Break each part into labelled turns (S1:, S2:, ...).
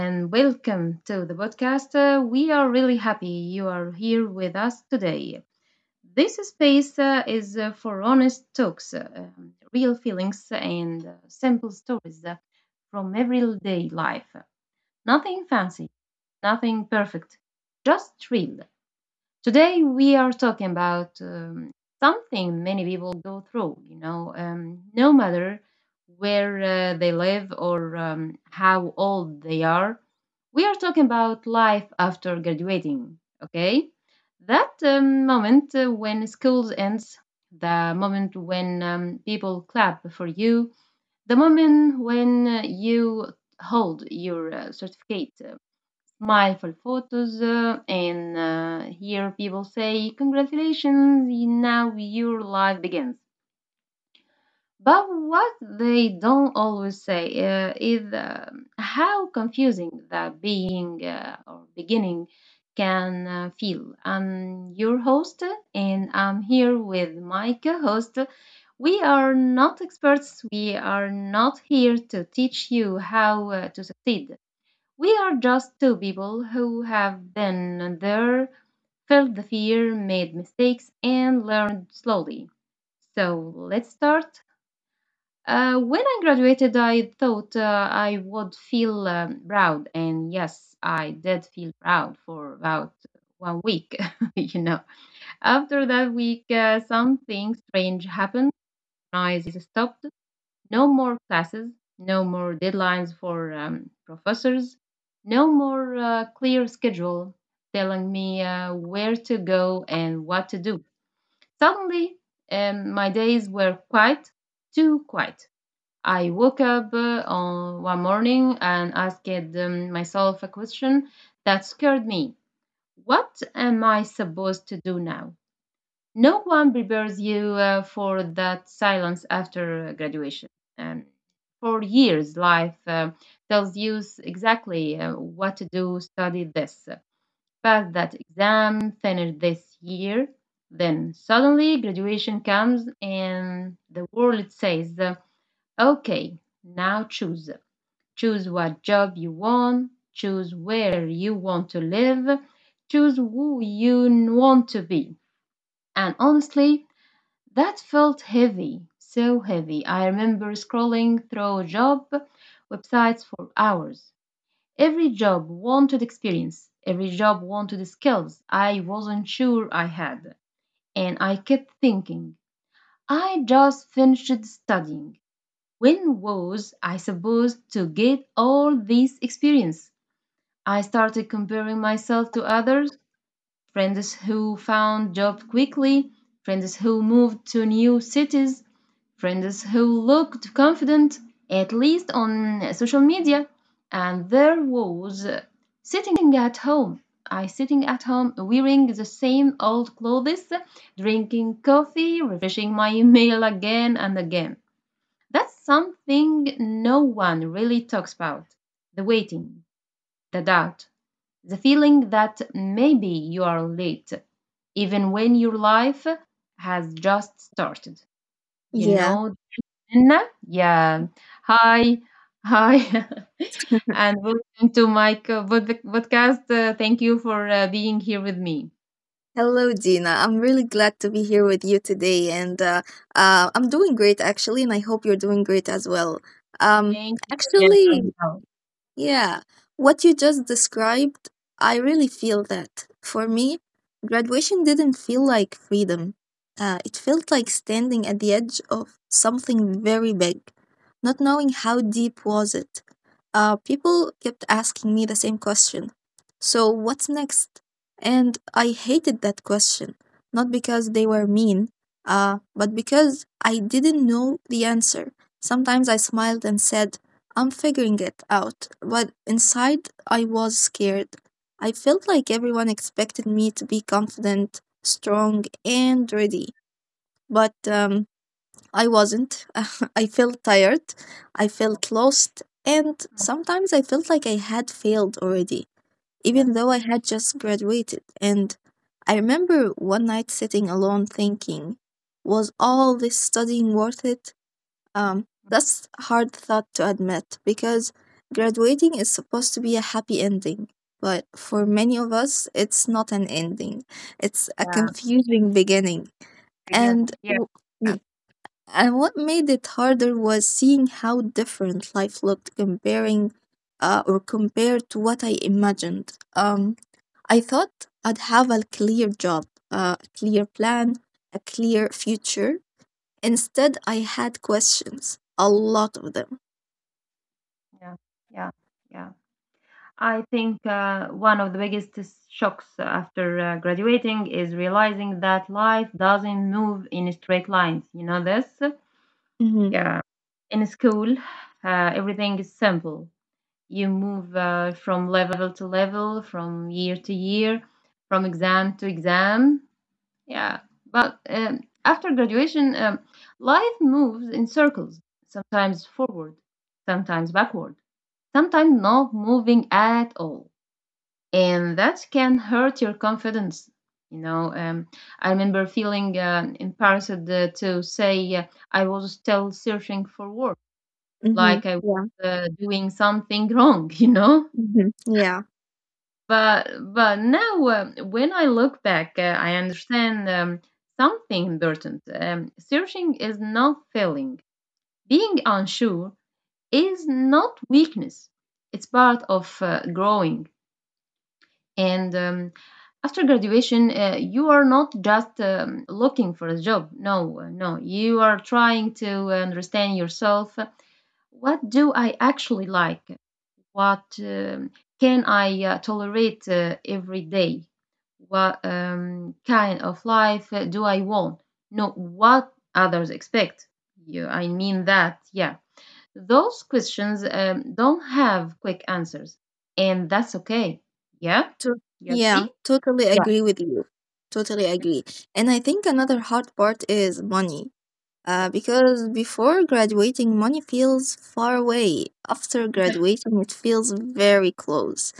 S1: and welcome to the podcast. We are really happy you are here with us today. This space is for honest talks, real feelings, and simple stories from everyday life. Nothing fancy, nothing perfect, just real. Today, we are talking about something many people go through, no matter where they live or how old they are. We are talking about life after graduating, okay? That moment when school ends, the moment when people clap for you, the moment when you hold your certificate, mindful photos and hear people say, "Congratulations, now your life begins." But what they don't always say is how confusing that being or beginning can feel. I'm your host, and I'm here with my co host. We are not experts, we are not here to teach you how to succeed. We are just two people who have been there, felt the fear, made mistakes, and learned slowly. So let's start. When I graduated, I thought I would feel proud, and yes, I did feel proud for about one week. you know, After that week, something strange happened. I stopped. No more classes, no more deadlines for professors, no more clear schedule telling me where to go and what to do. Suddenly, my days were quiet, too quiet. I woke up on one morning and asked myself a question that scared me. What am I supposed to do now? No one prepares you for that silence after graduation. Um, for years, life tells you exactly what to do: study this, pass that exam, finish this year. Then suddenly graduation comes and the world says, okay, now choose. Choose what job you want, choose where you want to live, choose who you want to be. And honestly, that felt heavy, so heavy. I remember scrolling through job websites for hours. Every job wanted experience, every job wanted skills I wasn't sure I had. And I kept thinking, I just finished studying. When was I supposed to get all this experience? I started comparing myself to others, friends who found jobs quickly, friends who moved to new cities, friends who looked confident, at least on social media. And there was sitting at home. I sitting at home wearing the same old clothes, drinking coffee, refreshing my email again and again. That's something no one really talks about. The waiting, the doubt, the feeling that maybe you are late, even when your life has just started. You
S2: Yeah.
S1: know Anna? Yeah. Hi. Hi. And welcome to my podcast. Thank you for being here with me.
S2: Hello, Dina. I'm really glad to be here with you today, and I'm doing great actually, and I hope you're doing great as well. Um,
S1: Thank you. Again.
S2: actually,
S1: I
S2: Yeah, what you just described, I really feel that. For me, graduation didn't feel like freedom. It felt like standing at the edge of something very big, not knowing how deep was it. People kept asking me the same question. So what's next? And I hated that question, not because they were mean, but because I didn't know the answer. Sometimes I smiled and said, I'm figuring it out, but inside I was scared. I felt like everyone expected me to be confident, strong, and ready, but I wasn't. I felt tired, I felt lost, and
S1: Mm,
S2: sometimes I felt like I had failed already,
S1: yes.
S2: even though I had just graduated. And I remember one night sitting alone thinking, was all this studying worth it? That's a hard thought to admit because graduating is supposed to be a happy ending. But for many of us, it's not an ending. It's a
S1: Yeah.
S2: confusing beginning.
S1: Again.
S2: And
S1: Yeah.
S2: w-
S1: Yeah.
S2: y- and what made it harder was seeing how different life looked comparing or compared to what I imagined. I thought I'd have a clear job, a clear plan, a clear future. Instead, I had questions, a lot of them.
S1: Yeah. Yeah. Yeah. I think one of the biggest shocks after graduating is realizing that life doesn't move in straight lines. You know this?
S2: Hmm.
S1: Yeah. In school, everything is simple. You move from level to level, from year to year, from exam to exam. Yeah, but after graduation, life moves in circles, sometimes forward, sometimes backward, sometimes not moving at all. And that can hurt your confidence. You know, um, I remember feeling embarrassed to say I was still searching for work,
S2: Hmm.
S1: like I was
S2: Yeah.
S1: doing something wrong, you know?
S2: Hmm. Yeah.
S1: But now, when I look back, I understand something important. Searching is not failing. Being unsure is not weakness. It's part of growing. And after graduation, you are not just looking for a job. No, no, you are trying to understand yourself. What do I actually like? What can I tolerate every day? What kind of life do I want? Not what others expect. You, I mean that, yeah. Those questions don't have quick answers, and that's okay. Yeah,
S2: To-
S1: you
S2: yeah.
S1: agree?
S2: Totally
S1: Yeah.
S2: agree with you. Totally agree. And I think another hard part is money.
S1: Yes.
S2: Because before graduating, money feels far away. After graduating, it feels very close.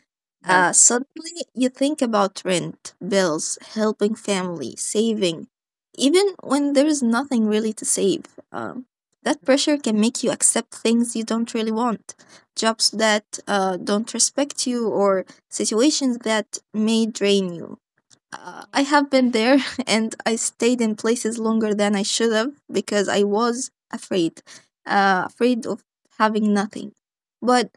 S2: Uh,
S1: Yes.
S2: suddenly, you think about rent, bills, helping family, saving, even when there is nothing really to save. Um, that
S1: Mhm.
S2: pressure can make you accept things you don't really want, jobs that don't respect you, or situations that may drain you. I have been there and I stayed in places longer than I should have because I was afraid, afraid of having nothing. But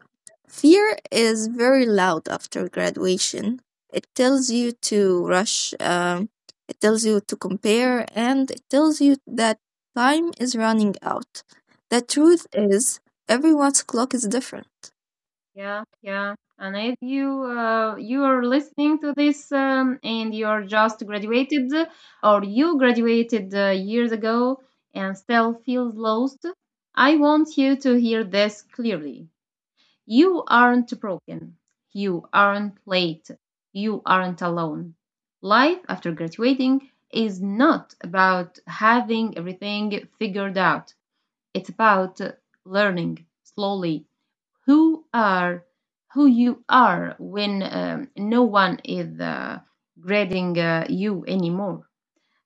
S2: fear is very loud after graduation. It tells you to rush, it tells you to compare, and it tells you that time is running out. The
S1: Mhm.
S2: truth is, everyone's clock is different.
S1: Yeah, yeah. And if you are listening to this and you're just graduated or you graduated years ago and still feels lost, I want you to hear this clearly. You aren't broken. You aren't late. You aren't alone. Life after graduating is not about having everything figured out. It's about learning slowly who are who you are when no one is grading you anymore,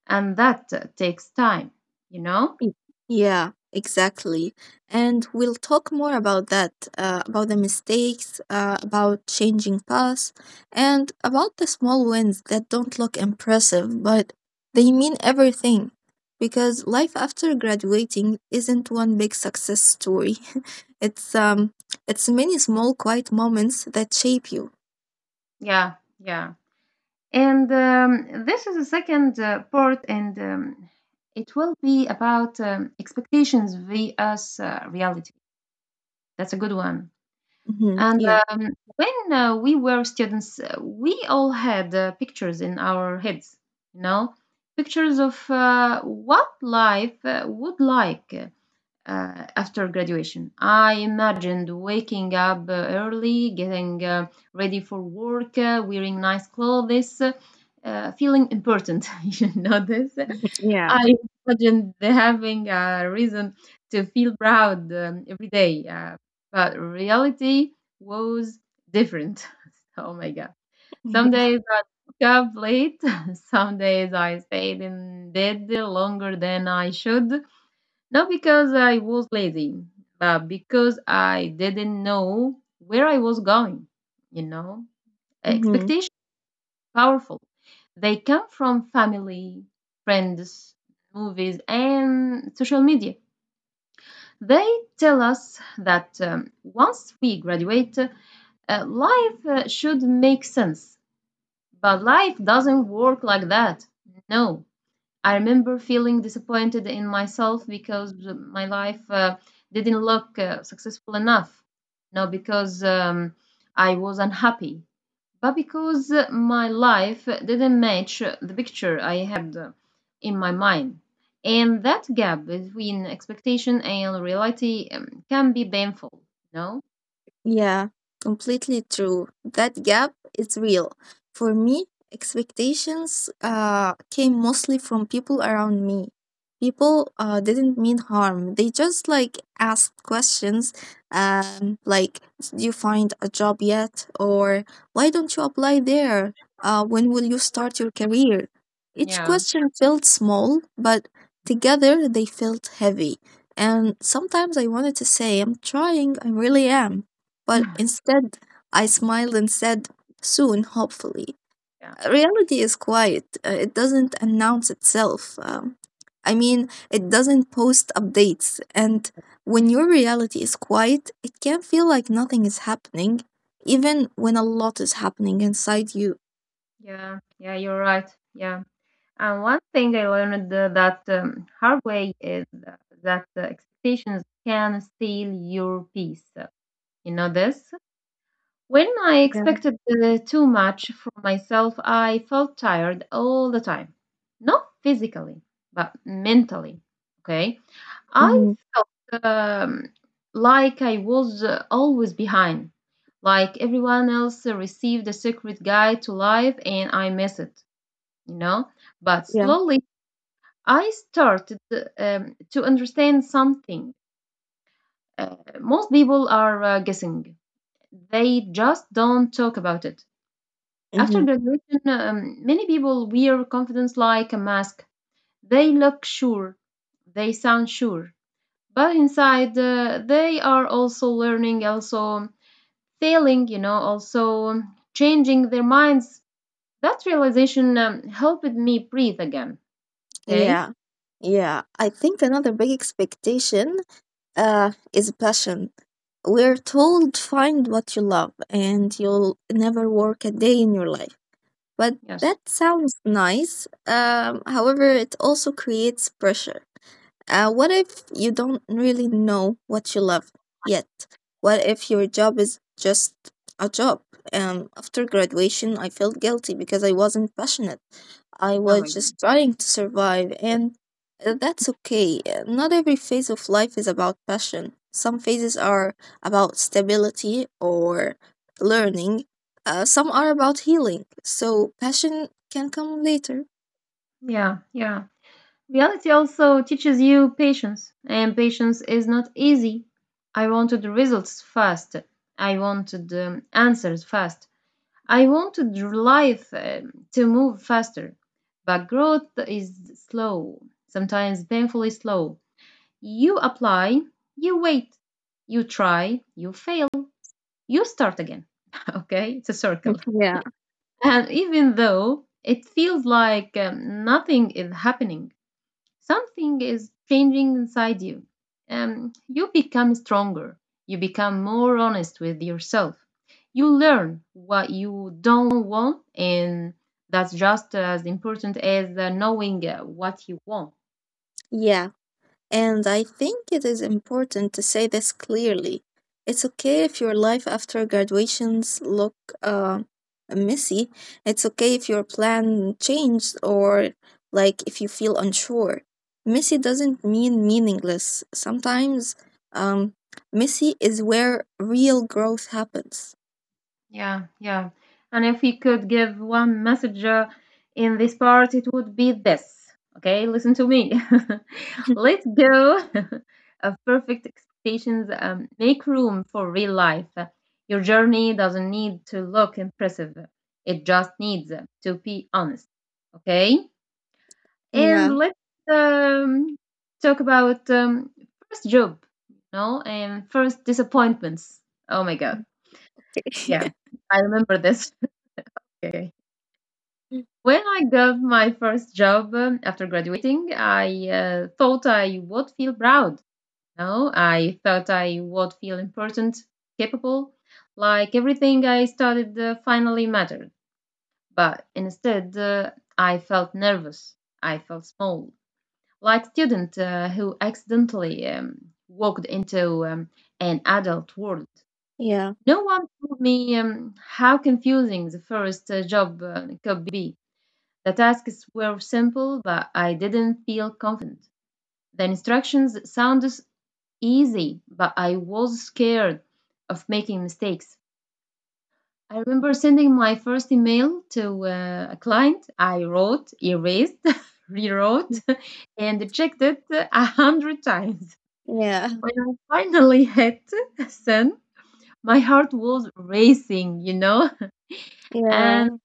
S1: and that takes time. You know?
S2: Y- Yeah, exactly. And we'll talk more about that, about the mistakes, about changing paths, and about the small wins that don't look impressive, but they mean everything. Because life after graduating isn't one big success story. it's um, it's many small, quiet moments that shape you.
S1: Yeah, yeah. And this is the second part, and it will be about expectations vs reality. That's a good one.
S2: Hmm.
S1: And
S2: Yeah.
S1: um, when uh, we were students, we all had pictures in our heads, you know, pictures of what life would like after graduation. I imagined waking up early, getting ready for work, wearing nice clothes, feeling important. You know this.
S2: Yeah.
S1: I imagined having a reason to feel proud every day, but reality was different. Oh my god. Some
S2: Yeah.
S1: days I woke up late. Some days I stayed in bed longer than I should. Not because I was lazy, but because I didn't know where I was going. You know,
S2: Mhm.
S1: expectations are powerful. They come from family, friends, movies, and social media. They tell us that once we graduate, life should make sense. But life doesn't work like that. No, I remember feeling disappointed in myself because my life didn't look successful enough. Not because I was unhappy, but because my life didn't match the picture I had in my mind. And that gap between expectation and reality can be painful, no?
S2: Yeah, completely true. That gap is real. For me, expectations came mostly from people around me. People didn't mean harm. They just like asked questions, like, do you find a job yet? Or why don't you apply there? When will you start your career? Each
S1: Yeah.
S2: question felt small, but together they felt heavy. And sometimes I wanted to say, I'm trying, I really am, but
S1: Yeah.
S2: instead, I smiled and said, soon, hopefully.
S1: Yeah.
S2: Reality is quiet, it doesn't announce itself. I mean, it doesn't post updates. And when your reality is quiet, it can feel like nothing is happening, even when a lot is happening inside you.
S1: Yeah. Yeah. You're right. Yeah. And one thing I learned that hard way is that the expectations can steal your peace. You know this? When I
S2: Yeah.
S1: expected too much from myself, I felt tired all the time. Not physically, but mentally. Okay? I
S2: Mm-hmm.
S1: felt like I was always behind, like everyone else received a secret guide to life and I missed it, you know? But
S2: Yeah.
S1: slowly, I started to understand something. Most people are guessing, they just don't talk about it. After
S2: Mm-hmm.
S1: graduation, many people wear confidence like a mask. They look sure, they sound sure, but inside they are also learning, also failing, also changing their minds. That realization helped me breathe again. Okay?
S2: Yeah. Yeah. I think another big expectation is passion. We're told find what you love and you'll never work a day in your life. But
S1: Yes.
S2: that sounds nice. However, it also creates pressure. What if you don't really know what you love yet? What if your job is just a job? After graduation, I felt guilty because I wasn't passionate. I
S1: Oh my
S2: was
S1: goodness.
S2: just trying to survive, and that's okay. Not every phase of life is about passion. Some phases are about stability or learning, some are about healing, so passion can come later.
S1: Yeah, yeah. Reality also teaches you patience, and patience is not easy. I wanted results fast. I wanted answers fast. I wanted life to move faster. But growth is slow, sometimes painfully slow. You apply, you wait, you try, you fail, you start again. Okay, it's a circle.
S2: Yeah.
S1: And even though it feels like nothing is happening, something is changing inside you. You become stronger. You become more honest with yourself. You learn what you don't want, and that's just as important as knowing what you want.
S2: Yeah, and I think it is important to say this clearly. It's okay if your life after graduations look uh, messy. It's okay if your plan changed or like if you feel unsure. Messy doesn't mean meaningless. Sometimes um, messy is where real growth happens.
S1: Yeah, yeah. And if you could give one message in this part, it would be this. Okay, listen to me. Let go of perfect expectations. Make room for real life. Your journey doesn't need to look impressive. It just needs to be honest. Okay, and
S2: Yeah.
S1: let's um, talk about first job, and first disappointments. Oh my God. Yeah, I remember this. Okay. When I got my first job after graduating, I thought I would feel proud. No, I thought I would feel important, capable, like everything I studied finally mattered. But instead, I felt nervous. I felt small, like student who accidentally walked into an adult world.
S2: Yeah.
S1: No one told me how confusing the first job could be. The tasks were simple, but I didn't feel confident. The instructions sounded easy, but I was scared of making mistakes. I remember sending my first email to a client. I wrote, erased, rewrote, and checked it a hundred times.
S2: Yeah,
S1: When I finally hit send, my heart was racing, and
S2: yeah,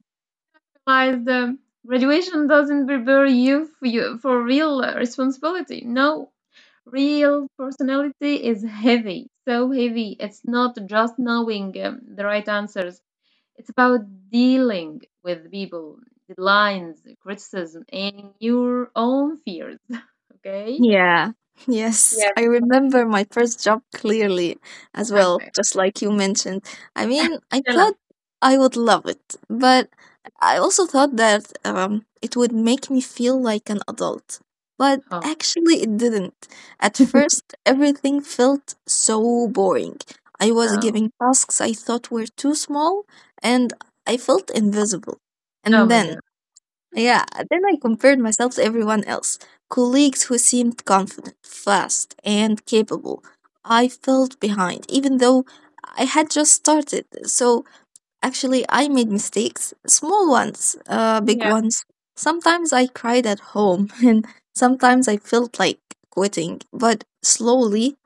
S1: realize the graduation doesn't prepare you for real responsibility. No, real personality is heavy, so heavy. It's not just knowing the right answers. It's about dealing with people, deadlines, criticism, and your own fears. Okay.
S2: yeah. Yes,
S1: Yeah.
S2: I remember my first job clearly as well,
S1: Okay.
S2: just like you mentioned. I mean, I
S1: Tell
S2: thought
S1: us.
S2: I would love it, but I also thought that it would make me feel like an adult. But
S1: Oh,
S2: actually, it didn't. At first, everything felt so boring. I was
S1: oh,
S2: giving tasks I thought were too small, and I felt invisible.
S1: oh
S2: And
S1: my
S2: then,
S1: God.
S2: yeah, then I compared myself to everyone else. Colleagues who seemed confident, fast, and capable. I felt behind, even though I had just started. So actually, I made mistakes, small ones, big
S1: Yeah.
S2: ones. Sometimes I cried at home, and sometimes I felt like quitting. But slowly,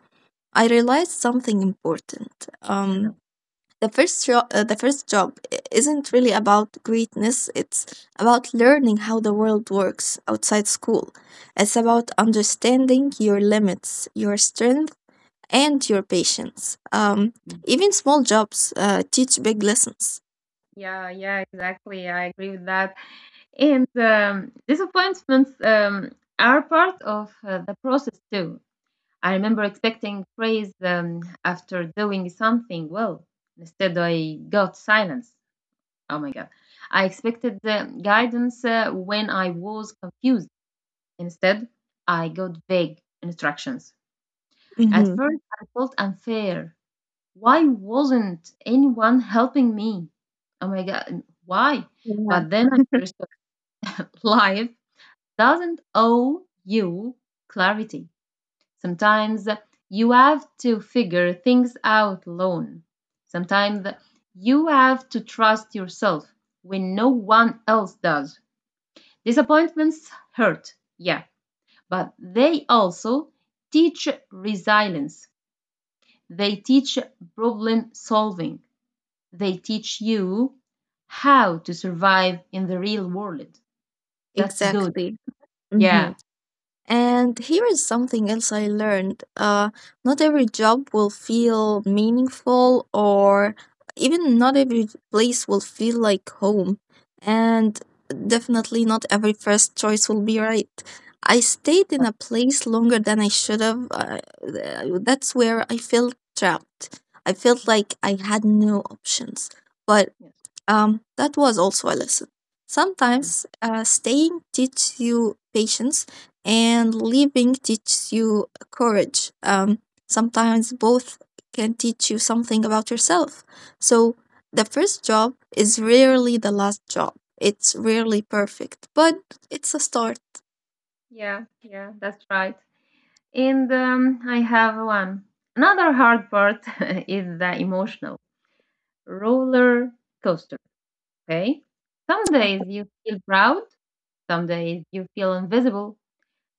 S2: I realized something important.
S1: Uh-huh.
S2: Um, the first job isn't really about greatness. It's about learning how the world works outside school. It's about understanding your limits, your strength, and your patience. Even small jobs teach big lessons.
S1: Yeah, yeah, exactly. I agree with that. And disappointments are part of the process too. I remember expecting praise after doing something well. Instead, I got silence. Oh my God. I expected guidance when I was confused. Instead, I got vague instructions. At
S2: Mm-hmm.
S1: first, I felt unfair. Why wasn't anyone helping me? Oh my God, why?
S2: Yeah,
S1: But then I understood life doesn't owe you clarity. Sometimes you have to figure things out alone. Sometimes you have to trust yourself when no one else does. Disappointments hurt, yeah, but they also teach resilience. They teach problem solving. They teach you how to survive in the real world. That's good.
S2: exactly. Mm-hmm.
S1: Yeah.
S2: And here is something else I learned. Not every job will feel meaningful, or even not every place will feel like home. And definitely not every first choice will be right. I stayed in
S1: Yeah.
S2: a place longer than I should have. That's where I felt trapped. I felt
S1: Mhm.
S2: like I had no options. But
S1: Yes.
S2: that was also a lesson.
S1: Mhm.
S2: Sometimes staying teaches you patience and leaving teaches you courage. Sometimes both can teach you something about yourself. So the first job is rarely the last job. It's rarely perfect, but it's a start.
S1: Yeah, yeah, that's right. And I have one. Another hard part is the emotional roller coaster. Okay. Some
S2: Okay.
S1: days you feel proud, some days you feel invisible,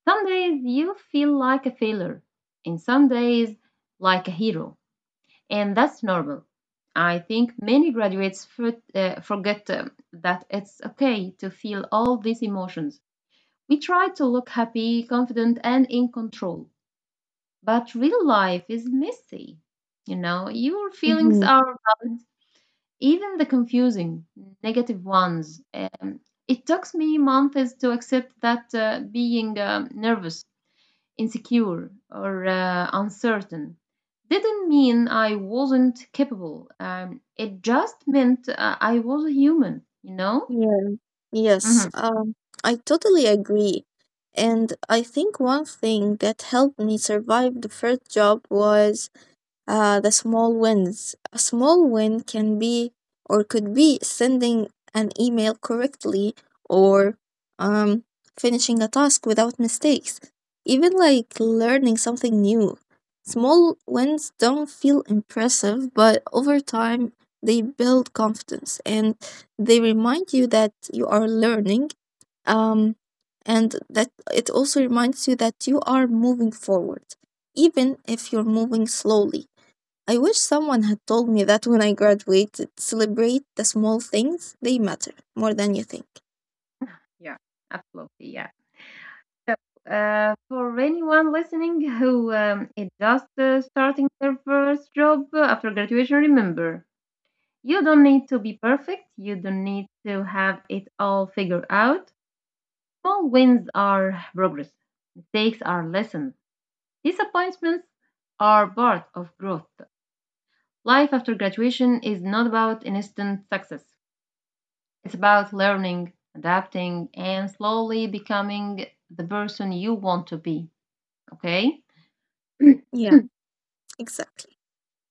S1: some days you feel like a failure, and some days like a hero. And that's normal. I think many graduates forget that it's okay to feel all these emotions. We try to look happy, confident, and in control. But real life is messy. You know, your feelings
S2: Hmm.
S1: are valid, even the confusing, negative ones. It took me months to accept that being nervous, insecure, or uncertain didn't mean I wasn't capable. It just meant I was a human, you know?
S2: Yeah. Yes.
S1: Hmm.
S2: I totally agree. And I think one thing that helped me survive the first job was the small wins. A small win can be or could be sending an email correctly or um, finishing a task without mistakes, even like learning something new. Small wins don't feel impressive, but over time they build confidence and they remind you that you are learning, um, and that it also reminds you that you are moving forward, even if you're moving slowly. I wish someone had told me that when I graduated. Celebrate the small things, they matter more than you think.
S1: Yeah, absolutely. Yeah. So, for anyone listening who is just starting their first job after graduation, remember, you don't need to be perfect, you don't need to have it all figured out. Small wins are progress, mistakes are lessons, disappointments are part of growth. Life after graduation is not about instant success, it's about learning, adapting, and slowly becoming the person you want to be. Okay?
S2: Yeah, exactly.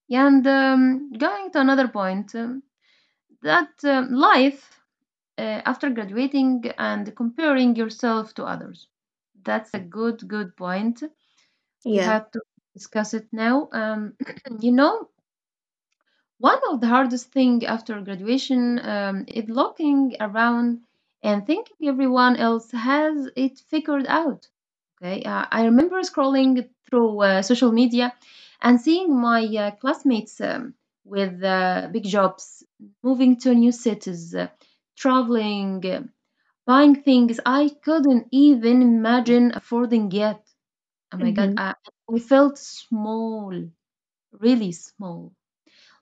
S1: And going to another point, that life after graduating and comparing yourself to others. That's a good, good point. We
S2: Yeah.
S1: had to discuss it now. You know, one of the hardest things after graduation is looking around and thinking everyone else has it figured out. Okay, I remember scrolling through social media and seeing my classmates with big jobs, moving to new cities, traveling, buying things I couldn't even imagine affording yet. Oh my God,
S2: Mm-hmm.
S1: I felt small, really small,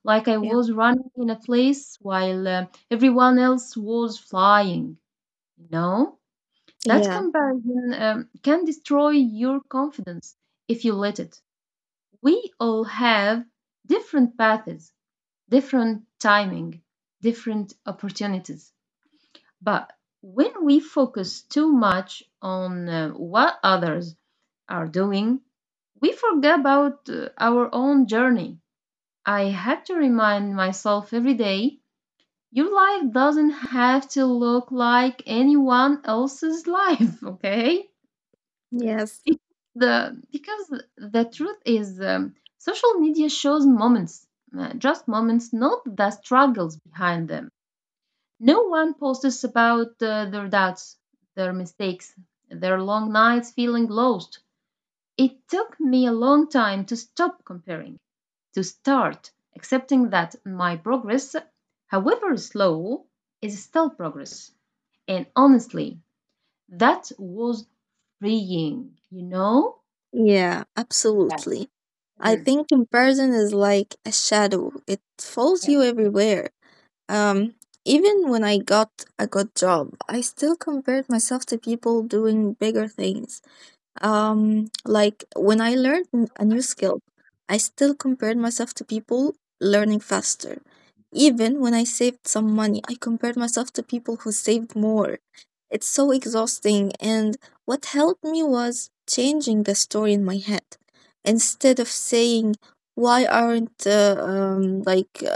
S1: like I
S2: Yeah.
S1: was running in a place while everyone else was flying. You know, that
S2: Yeah.
S1: comparison can destroy your confidence if you let it. We all have different paths, different timing, different opportunities. But when we focus too much on what others are doing, we forget about our own journey. I had to remind myself every day: your life doesn't have to look like anyone else's life, okay?
S2: Yes.
S1: It- because the truth is, social media shows moments, just moments, not the struggles behind them. No one posts about their doubts, their mistakes, their long nights feeling lost. It took me a long time to stop comparing, to start accepting that my progress, however slow, is still progress. And honestly, that was freeing, you know?
S2: Yeah,
S1: Yeah.
S2: absolutely. I
S1: Mhm.
S2: think comparison is like a shadow. It follows
S1: Yeah.
S2: you everywhere. Um, even when I got a good job, I still compared myself to people doing bigger things. Like when I learned a new skill, I still compared myself to people learning faster. Even when I saved some money, I compared myself to people who saved more. It's so exhausting, and what helped me was changing the story in my head. Instead of saying, why aren't, like,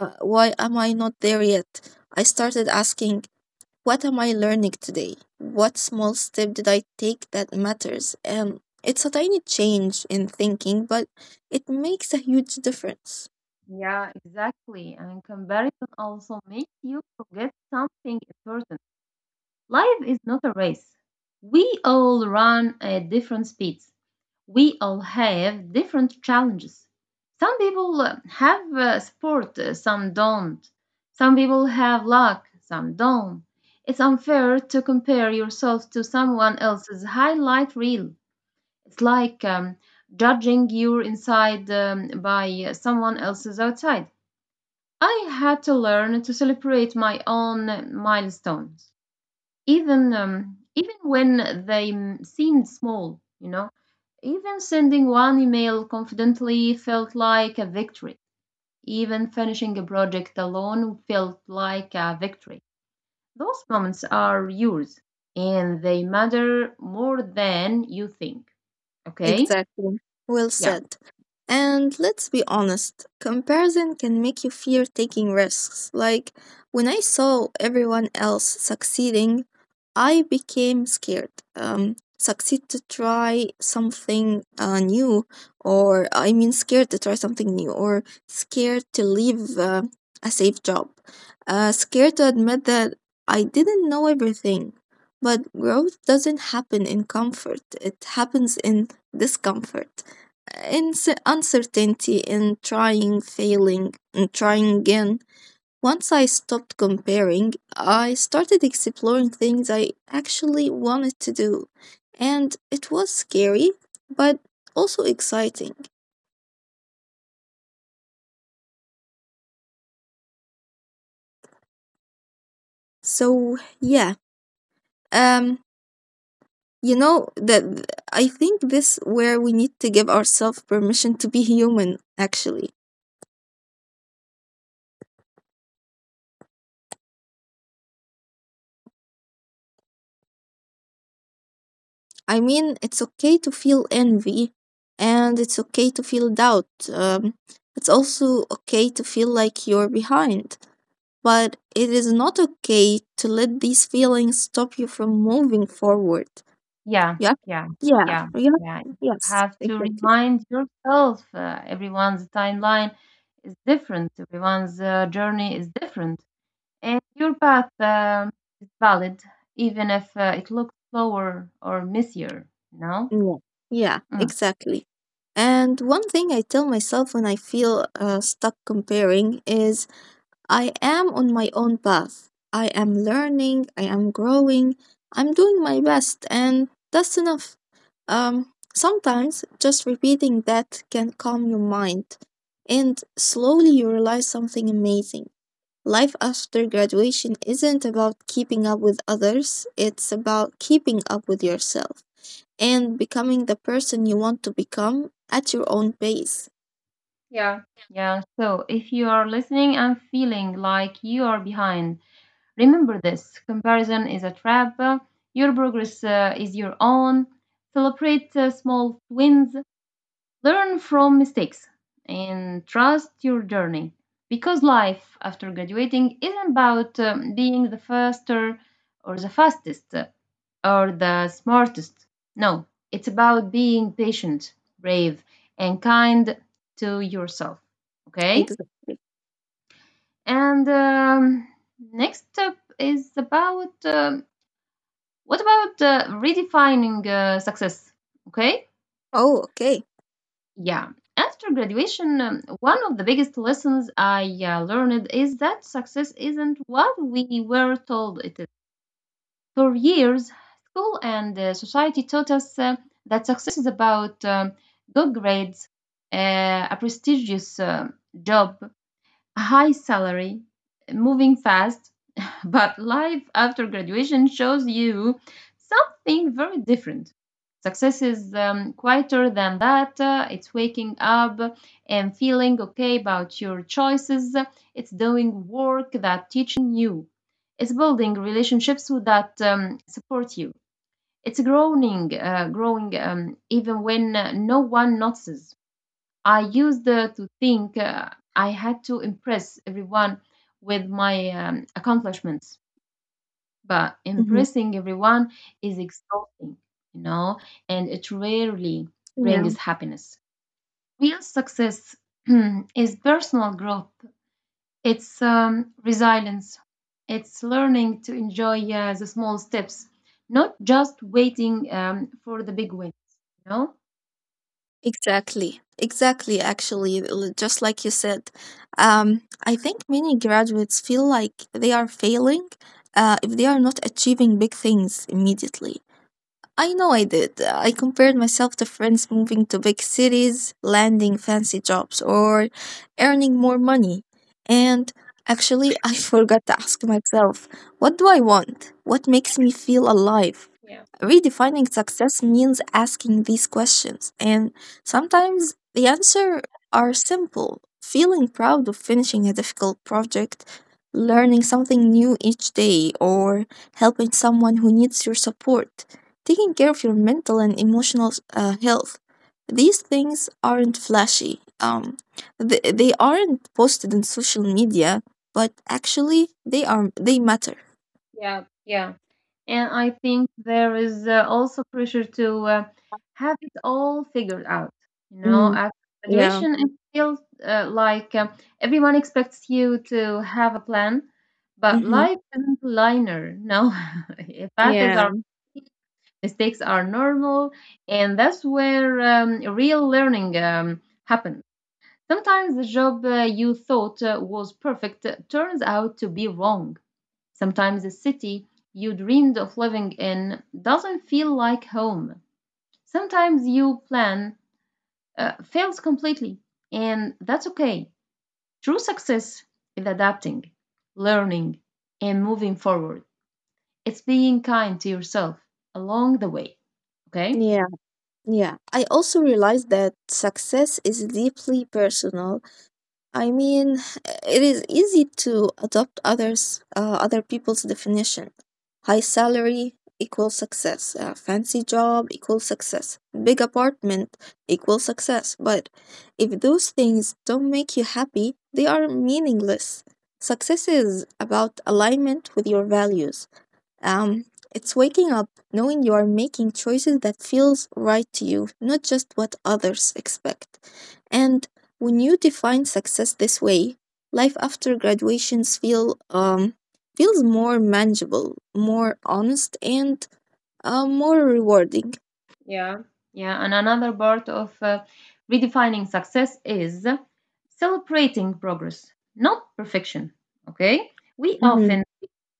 S2: why am I not there yet? I started asking, what am I learning today? What small step did I take that matters? It's a tiny change in thinking, but it makes a huge difference.
S1: Yeah, exactly. And comparison also makes you forget something important. Life is not a race. We all run at different speeds. We all have different challenges. Some people have sport, some don't. Some people have luck, some don't. It's unfair to compare yourself to someone else's highlight reel. It's like judging your inside by someone else's outside. I had to learn to celebrate my own milestones, even when they seemed small. You know, even sending one email confidently felt like a victory. Even finishing a project alone felt like a victory. Those moments are yours, and they matter more than you think. Okay,
S2: Exactly. Well
S1: yeah.
S2: said. And let's be honest, comparison can make you fear taking risks. Like, when I saw everyone else succeeding, I became scared. Succeed to try something new, or I mean, scared to try something new, or scared to leave a safe job, scared to admit that I didn't know everything. But growth doesn't happen in comfort, it happens in discomfort, and uncertainty, and trying, failing, and trying again. Once I stopped comparing, I started exploring things I actually wanted to do, and it was scary, but also exciting. So, yeah, um, you know that I think this where we need to give ourselves permission to be human actually. I mean, it's okay to feel envy and it's okay to feel doubt. It's also okay to feel like you're behind, but it is not okay to let these feelings stop you from moving forward.
S1: Yeah,
S2: Yeah,
S1: yeah,
S2: yeah,
S1: yeah,
S2: yeah,
S1: yeah. You
S2: yes,
S1: have to
S2: exactly.
S1: remind yourself, everyone's timeline is different, everyone's journey is different, and your path is valid, even if it looks slower or messier, you know?
S2: Yeah, yeah,
S1: Mm.
S2: exactly. And one thing I tell myself when I feel stuck comparing is I am on my own path. I am learning, I am growing, I'm doing my best, and that's enough. Sometimes just repeating that can calm your mind, and slowly you realize something amazing. Life after graduation isn't about keeping up with others, it's about keeping up with yourself and becoming the person you want to become at your own pace.
S1: Yeah, yeah. So if you are listening and feeling like you are behind, remember, this comparison is a trap. Your progress is your own. Celebrate small wins. Learn from mistakes and trust your journey, because life after graduating isn't about being the faster or the fastest or the smartest. No, it's about being patient, brave, and kind to yourself. Okay?
S2: Exactly.
S1: And next step is about what about redefining success? Okay?
S2: Oh, okay.
S1: Yeah. After graduation, one of the biggest lessons I learned is that success isn't what we were told it is. For years, school and society taught us that success is about good grades, a prestigious job, a high salary, moving fast. But life after graduation shows you something very different. Success is quieter than that. It's waking up and feeling okay about your choices. It's doing work that teaches you something new. It's building relationships that support you. It's growing even when no one notices. I used to think I had to impress everyone with my accomplishments, but
S2: Mm-hmm.
S1: impressing everyone is exhausting, you know, and it rarely brings happiness. Real success is personal growth, it's resilience, it's learning to enjoy the small steps, not just waiting for the big wins, you know?
S2: Exactly, exactly. Actually, just like you said, I think many graduates feel like they are failing if they are not achieving big things immediately. I know I did. I compared myself to friends moving to big cities, landing fancy jobs, or earning more money. And actually, I forgot to ask myself, what do I want? What makes me feel alive?
S1: Yeah,
S2: Redefining success means asking these questions, and sometimes the answers are simple: feeling proud of finishing a difficult project, learning something new each day, or helping someone who needs your support, taking care of your mental and emotional health. These things aren't flashy. They aren't posted on social media, but actually they matter.
S1: yeah, yeah. And I think there is also pressure to have it all figured out. You know,
S2: Mm,
S1: after
S2: yeah.
S1: graduation, it feels like everyone expects you to have a plan, but
S2: Mm-hmm.
S1: life isn't linear. No, paths
S2: Yeah.
S1: are mistakes are normal, and that's where real learning happens. Sometimes the job you thought was perfect turns out to be wrong. Sometimes the city you dreamed of living in doesn't feel like home. Sometimes your plan fails completely, and that's okay. True success is adapting, learning, and moving forward. It's being kind to yourself along the way. Okay?
S2: Yeah. Yeah, I also realized that success is deeply personal. I mean, it is easy to adopt others, other people's definition. High salary equals success. Fancy job equals success. Big apartment equals success. But if those things don't make you happy, they are meaningless. Success is about alignment with your values. Um, it's waking up knowing you are making choices that feels right to you, not just what others expect. And when you define success this way, life after graduations feels more manageable, more honest, and more rewarding.
S1: Yeah. Yeah, and another part of redefining success is celebrating progress, not perfection. Okay? We
S2: Mm-hmm.
S1: often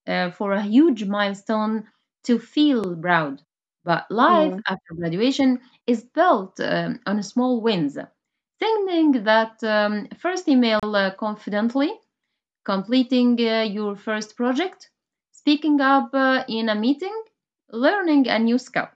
S1: for a huge milestone to feel proud. But life
S2: Yeah.
S1: after graduation is built on small wins. Sending that first email confidently, completing your first project, speaking up in a meeting, learning a new skill.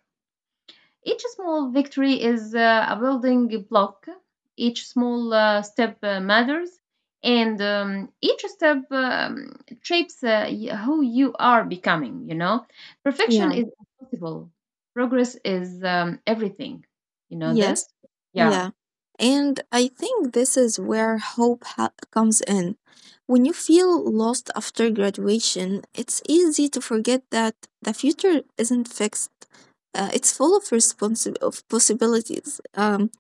S1: Each small victory is a building block. Each small step matters, and each step shapes who you are becoming. You know, perfection
S2: Yeah.
S1: is impossible. Progress is everything. You know
S2: Yes.
S1: this? Yeah,
S2: Yeah. And I think this is where hope comes in. When you feel lost after graduation, it's easy to forget that the future isn't fixed. It's full of possibilities.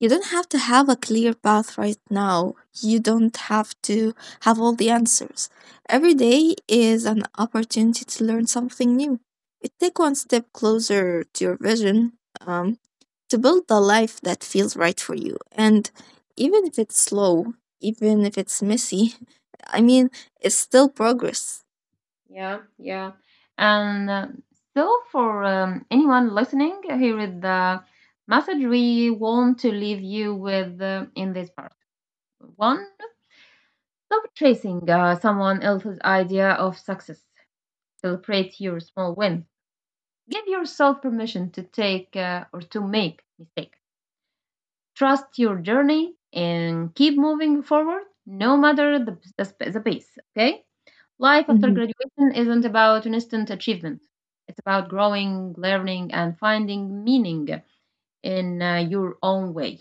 S2: You don't have to have a clear path right now. You don't have to have all the answers. Every day is an opportunity to learn something new. It take one step closer to your vision. Um, to build the life that feels right for you. And even if it's slow, even if it's messy, I mean, it's still progress.
S1: yeah, yeah. And so, for anyone listening, here is the message we want to leave you with in this part. One. Stop chasing someone else's idea of success. Celebrate your small wins. Give yourself permission to take, or to make mistakes. Trust your journey and keep moving forward, no matter the pace, okay? Life after
S2: hmm
S1: graduation isn't about instant achievement. It's about growing, learning, and finding meaning in your own way,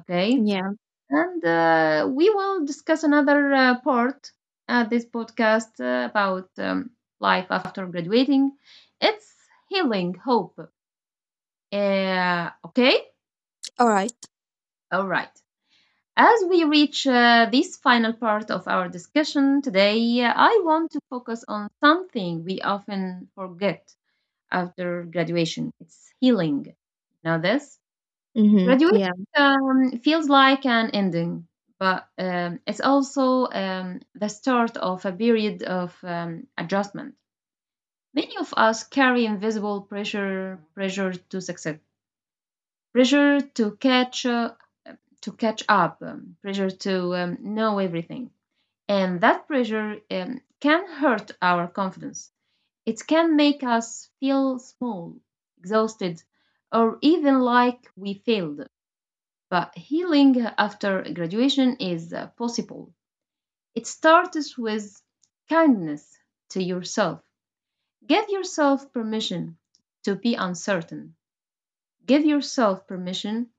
S1: okay?
S2: Yeah.
S1: And we will discuss another part at this podcast about life after graduating. It's healing hope. Okay?
S2: All right.
S1: All right. As we reach this final part of our discussion today, I want to focus on something we often forget after graduation: it's healing. Know this? Graduation
S2: Yeah.
S1: feels like an ending, but it's also the start of a period of adjustment. Many of us carry invisible pressure, pressure to succeed, pressure to catch up, pressure to know everything, and that pressure can hurt our confidence. It can make us feel small, exhausted, or even like we failed. But healing after graduation is possible. It starts with kindness to yourself. Give yourself permission to be uncertain. Give yourself permission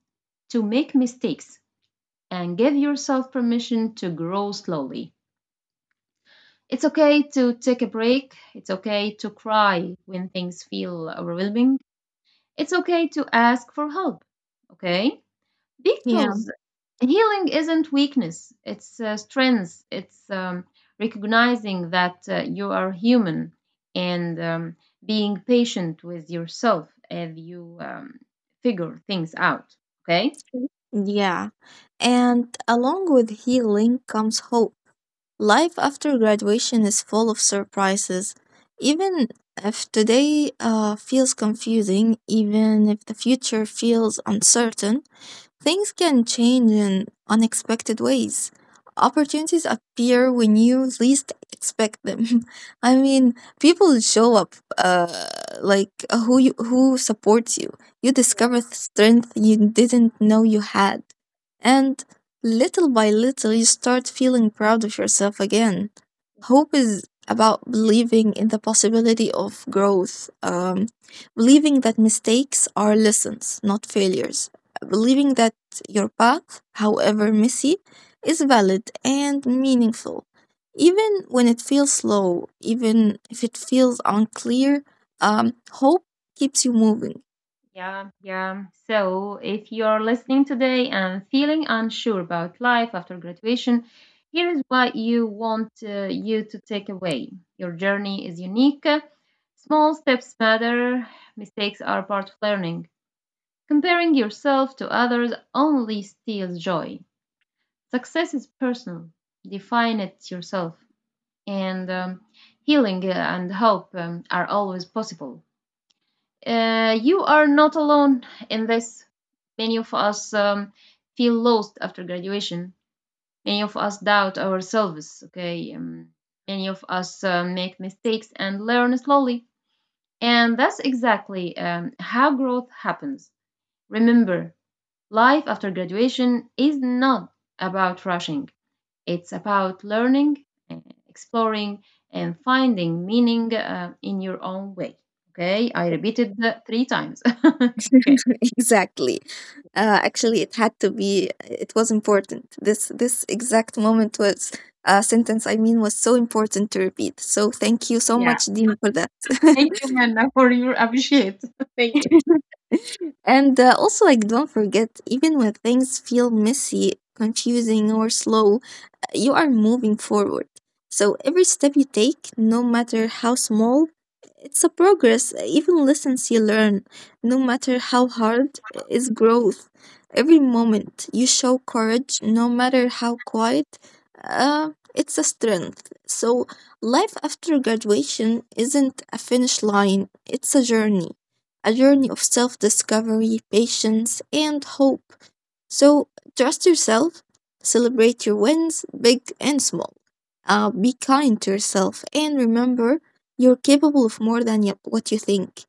S1: to make mistakes, and give yourself permission to grow slowly. It's okay to take a break. It's okay to cry when things feel overwhelming. It's okay to ask for help. Okay?
S2: Yeah.
S1: Because healing isn't weakness, it's strength. It's recognizing that you are human and being patient with yourself as you figure things out. Okay?
S2: Yeah. And along with healing comes hope. Life after graduation is full of surprises. Even if today feels confusing, even if the future feels uncertain, things can change in unexpected ways. Opportunities appear when you least expect them. I mean, people show up, who supports you. You
S1: Yeah.
S2: discover strength you didn't know you had, and little by little, you start feeling proud of yourself again. Hope is about believing in the possibility of growth, believing that mistakes are lessons, not failures, believing that your path, however messy, is valid and meaningful. Even when it feels slow, even if it feels unclear, hope keeps you moving.
S1: Yeah, yeah. So if you're listening today and feeling unsure about life after graduation, here is what you want you to take away. Your journey is unique. Small steps matter. Mistakes are part of learning. Comparing yourself to others only steals joy. Success is personal. Define it yourself. And healing and hope are always possible. You are not alone in this. Many of us feel lost after graduation. Many of us doubt ourselves, okay? Many of us make mistakes and learn slowly. And that's exactly how growth happens. Remember, life after graduation is not about rushing, it's about learning, uh, exploring, and finding meaning in your own way. Okay, I repeated that three times. Okay.
S2: Exactly. Actually, it had to be. It was important. This exact moment was was so important to repeat. So thank you so
S1: Yeah.
S2: much, Dean, for that.
S1: Thank you, Hannah, for your appreciate. Thank you.
S2: And also, like, don't forget, even when things feel messy, confusing, or slow, you are moving forward. So every step you take, no matter how small, it's a progress. Even lessons you learn, no matter how hard, is growth. Every moment you show courage, no matter how quiet, it's a strength. So life after graduation isn't a finish line, it's a journey. A journey of self discovery, patience, and hope. So trust yourself, celebrate your wins, big and small. Be kind to yourself, and remember you're capable of more than what you think.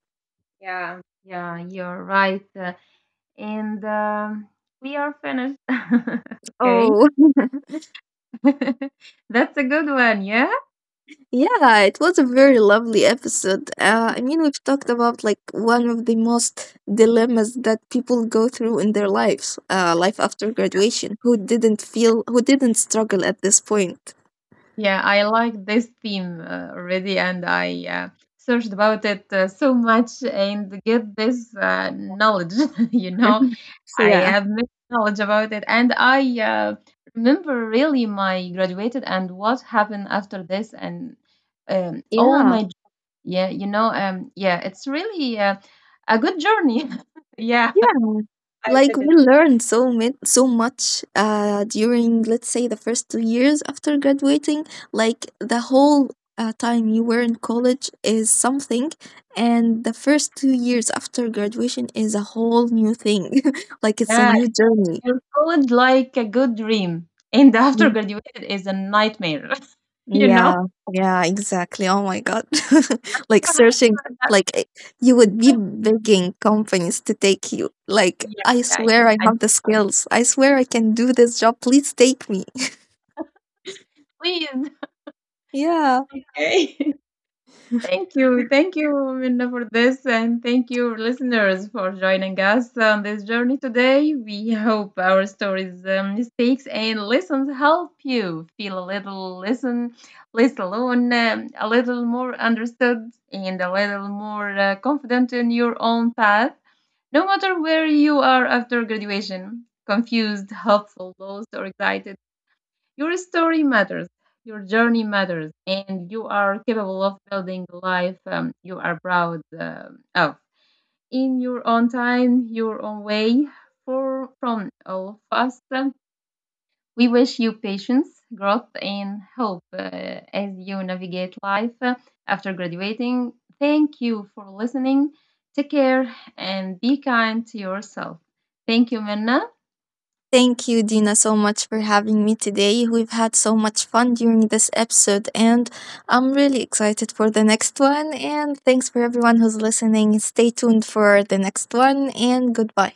S1: Yeah, yeah, you're right. And we are finished. Okay.
S2: Oh,
S1: That's a good one. Yeah.
S2: yeah, it was a very lovely episode. I mean, we've talked about like one of the most dilemmas that people go through in their lives, life after graduation. Who didn't feel, who didn't struggle at this point?
S1: Yeah, I like this theme already, and I searched about it so much and get this knowledge. You know, I
S2: Yeah,
S1: have mixed knowledge about it, and I remember really my graduated and what happened after this, and all
S2: yeah,
S1: my. Yeah, you know, yeah, it's really a good journey. Yeah,
S2: yeah.
S1: I
S2: Like,
S1: did it.
S2: we learned so much during, let's say, the first 2 years after graduating. Like, the whole time you were in college is something, and the first 2 years after graduation is a whole new thing. Like, it's a
S1: Yeah,
S2: new journey.
S1: you're told like a good dream, and after
S2: Mm.
S1: graduated is a nightmare. You
S2: Yeah,
S1: know.
S2: yeah, exactly. Oh my god. Like
S1: So,
S2: searching, like you would be begging companies to take you, like,
S1: yeah,
S2: I
S1: yeah.
S2: swear I
S1: And
S2: have the skills, I swear I can do this job, please take me.
S1: please,
S2: Yeah.
S1: okay. Thank you. Thank you, Minna, for this. And thank you, listeners, for joining us on this journey today. We hope our stories, mistakes, and lessons help you feel a little less alone, a little more understood, and a little more confident in your own path, no matter where you are after graduation: confused, hopeful, lost, or excited. Your story matters, your journey matters, and you are capable of building the life you are proud of in your own time, your own way. For from all of us, we wish you patience, growth, and hope as you navigate life after graduating. Thank you for listening. Take care and be kind to yourself. Thank you, Minna.
S2: Thank you, Dina, so much for having me today. We've had so much fun during this episode, and I'm really excited for the next one. And thanks for everyone who's listening. Stay tuned for the next one, and goodbye.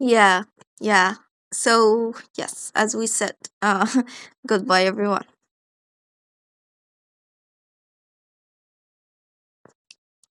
S2: Yeah, yeah. So, yes, as we said, uh, goodbye, everyone.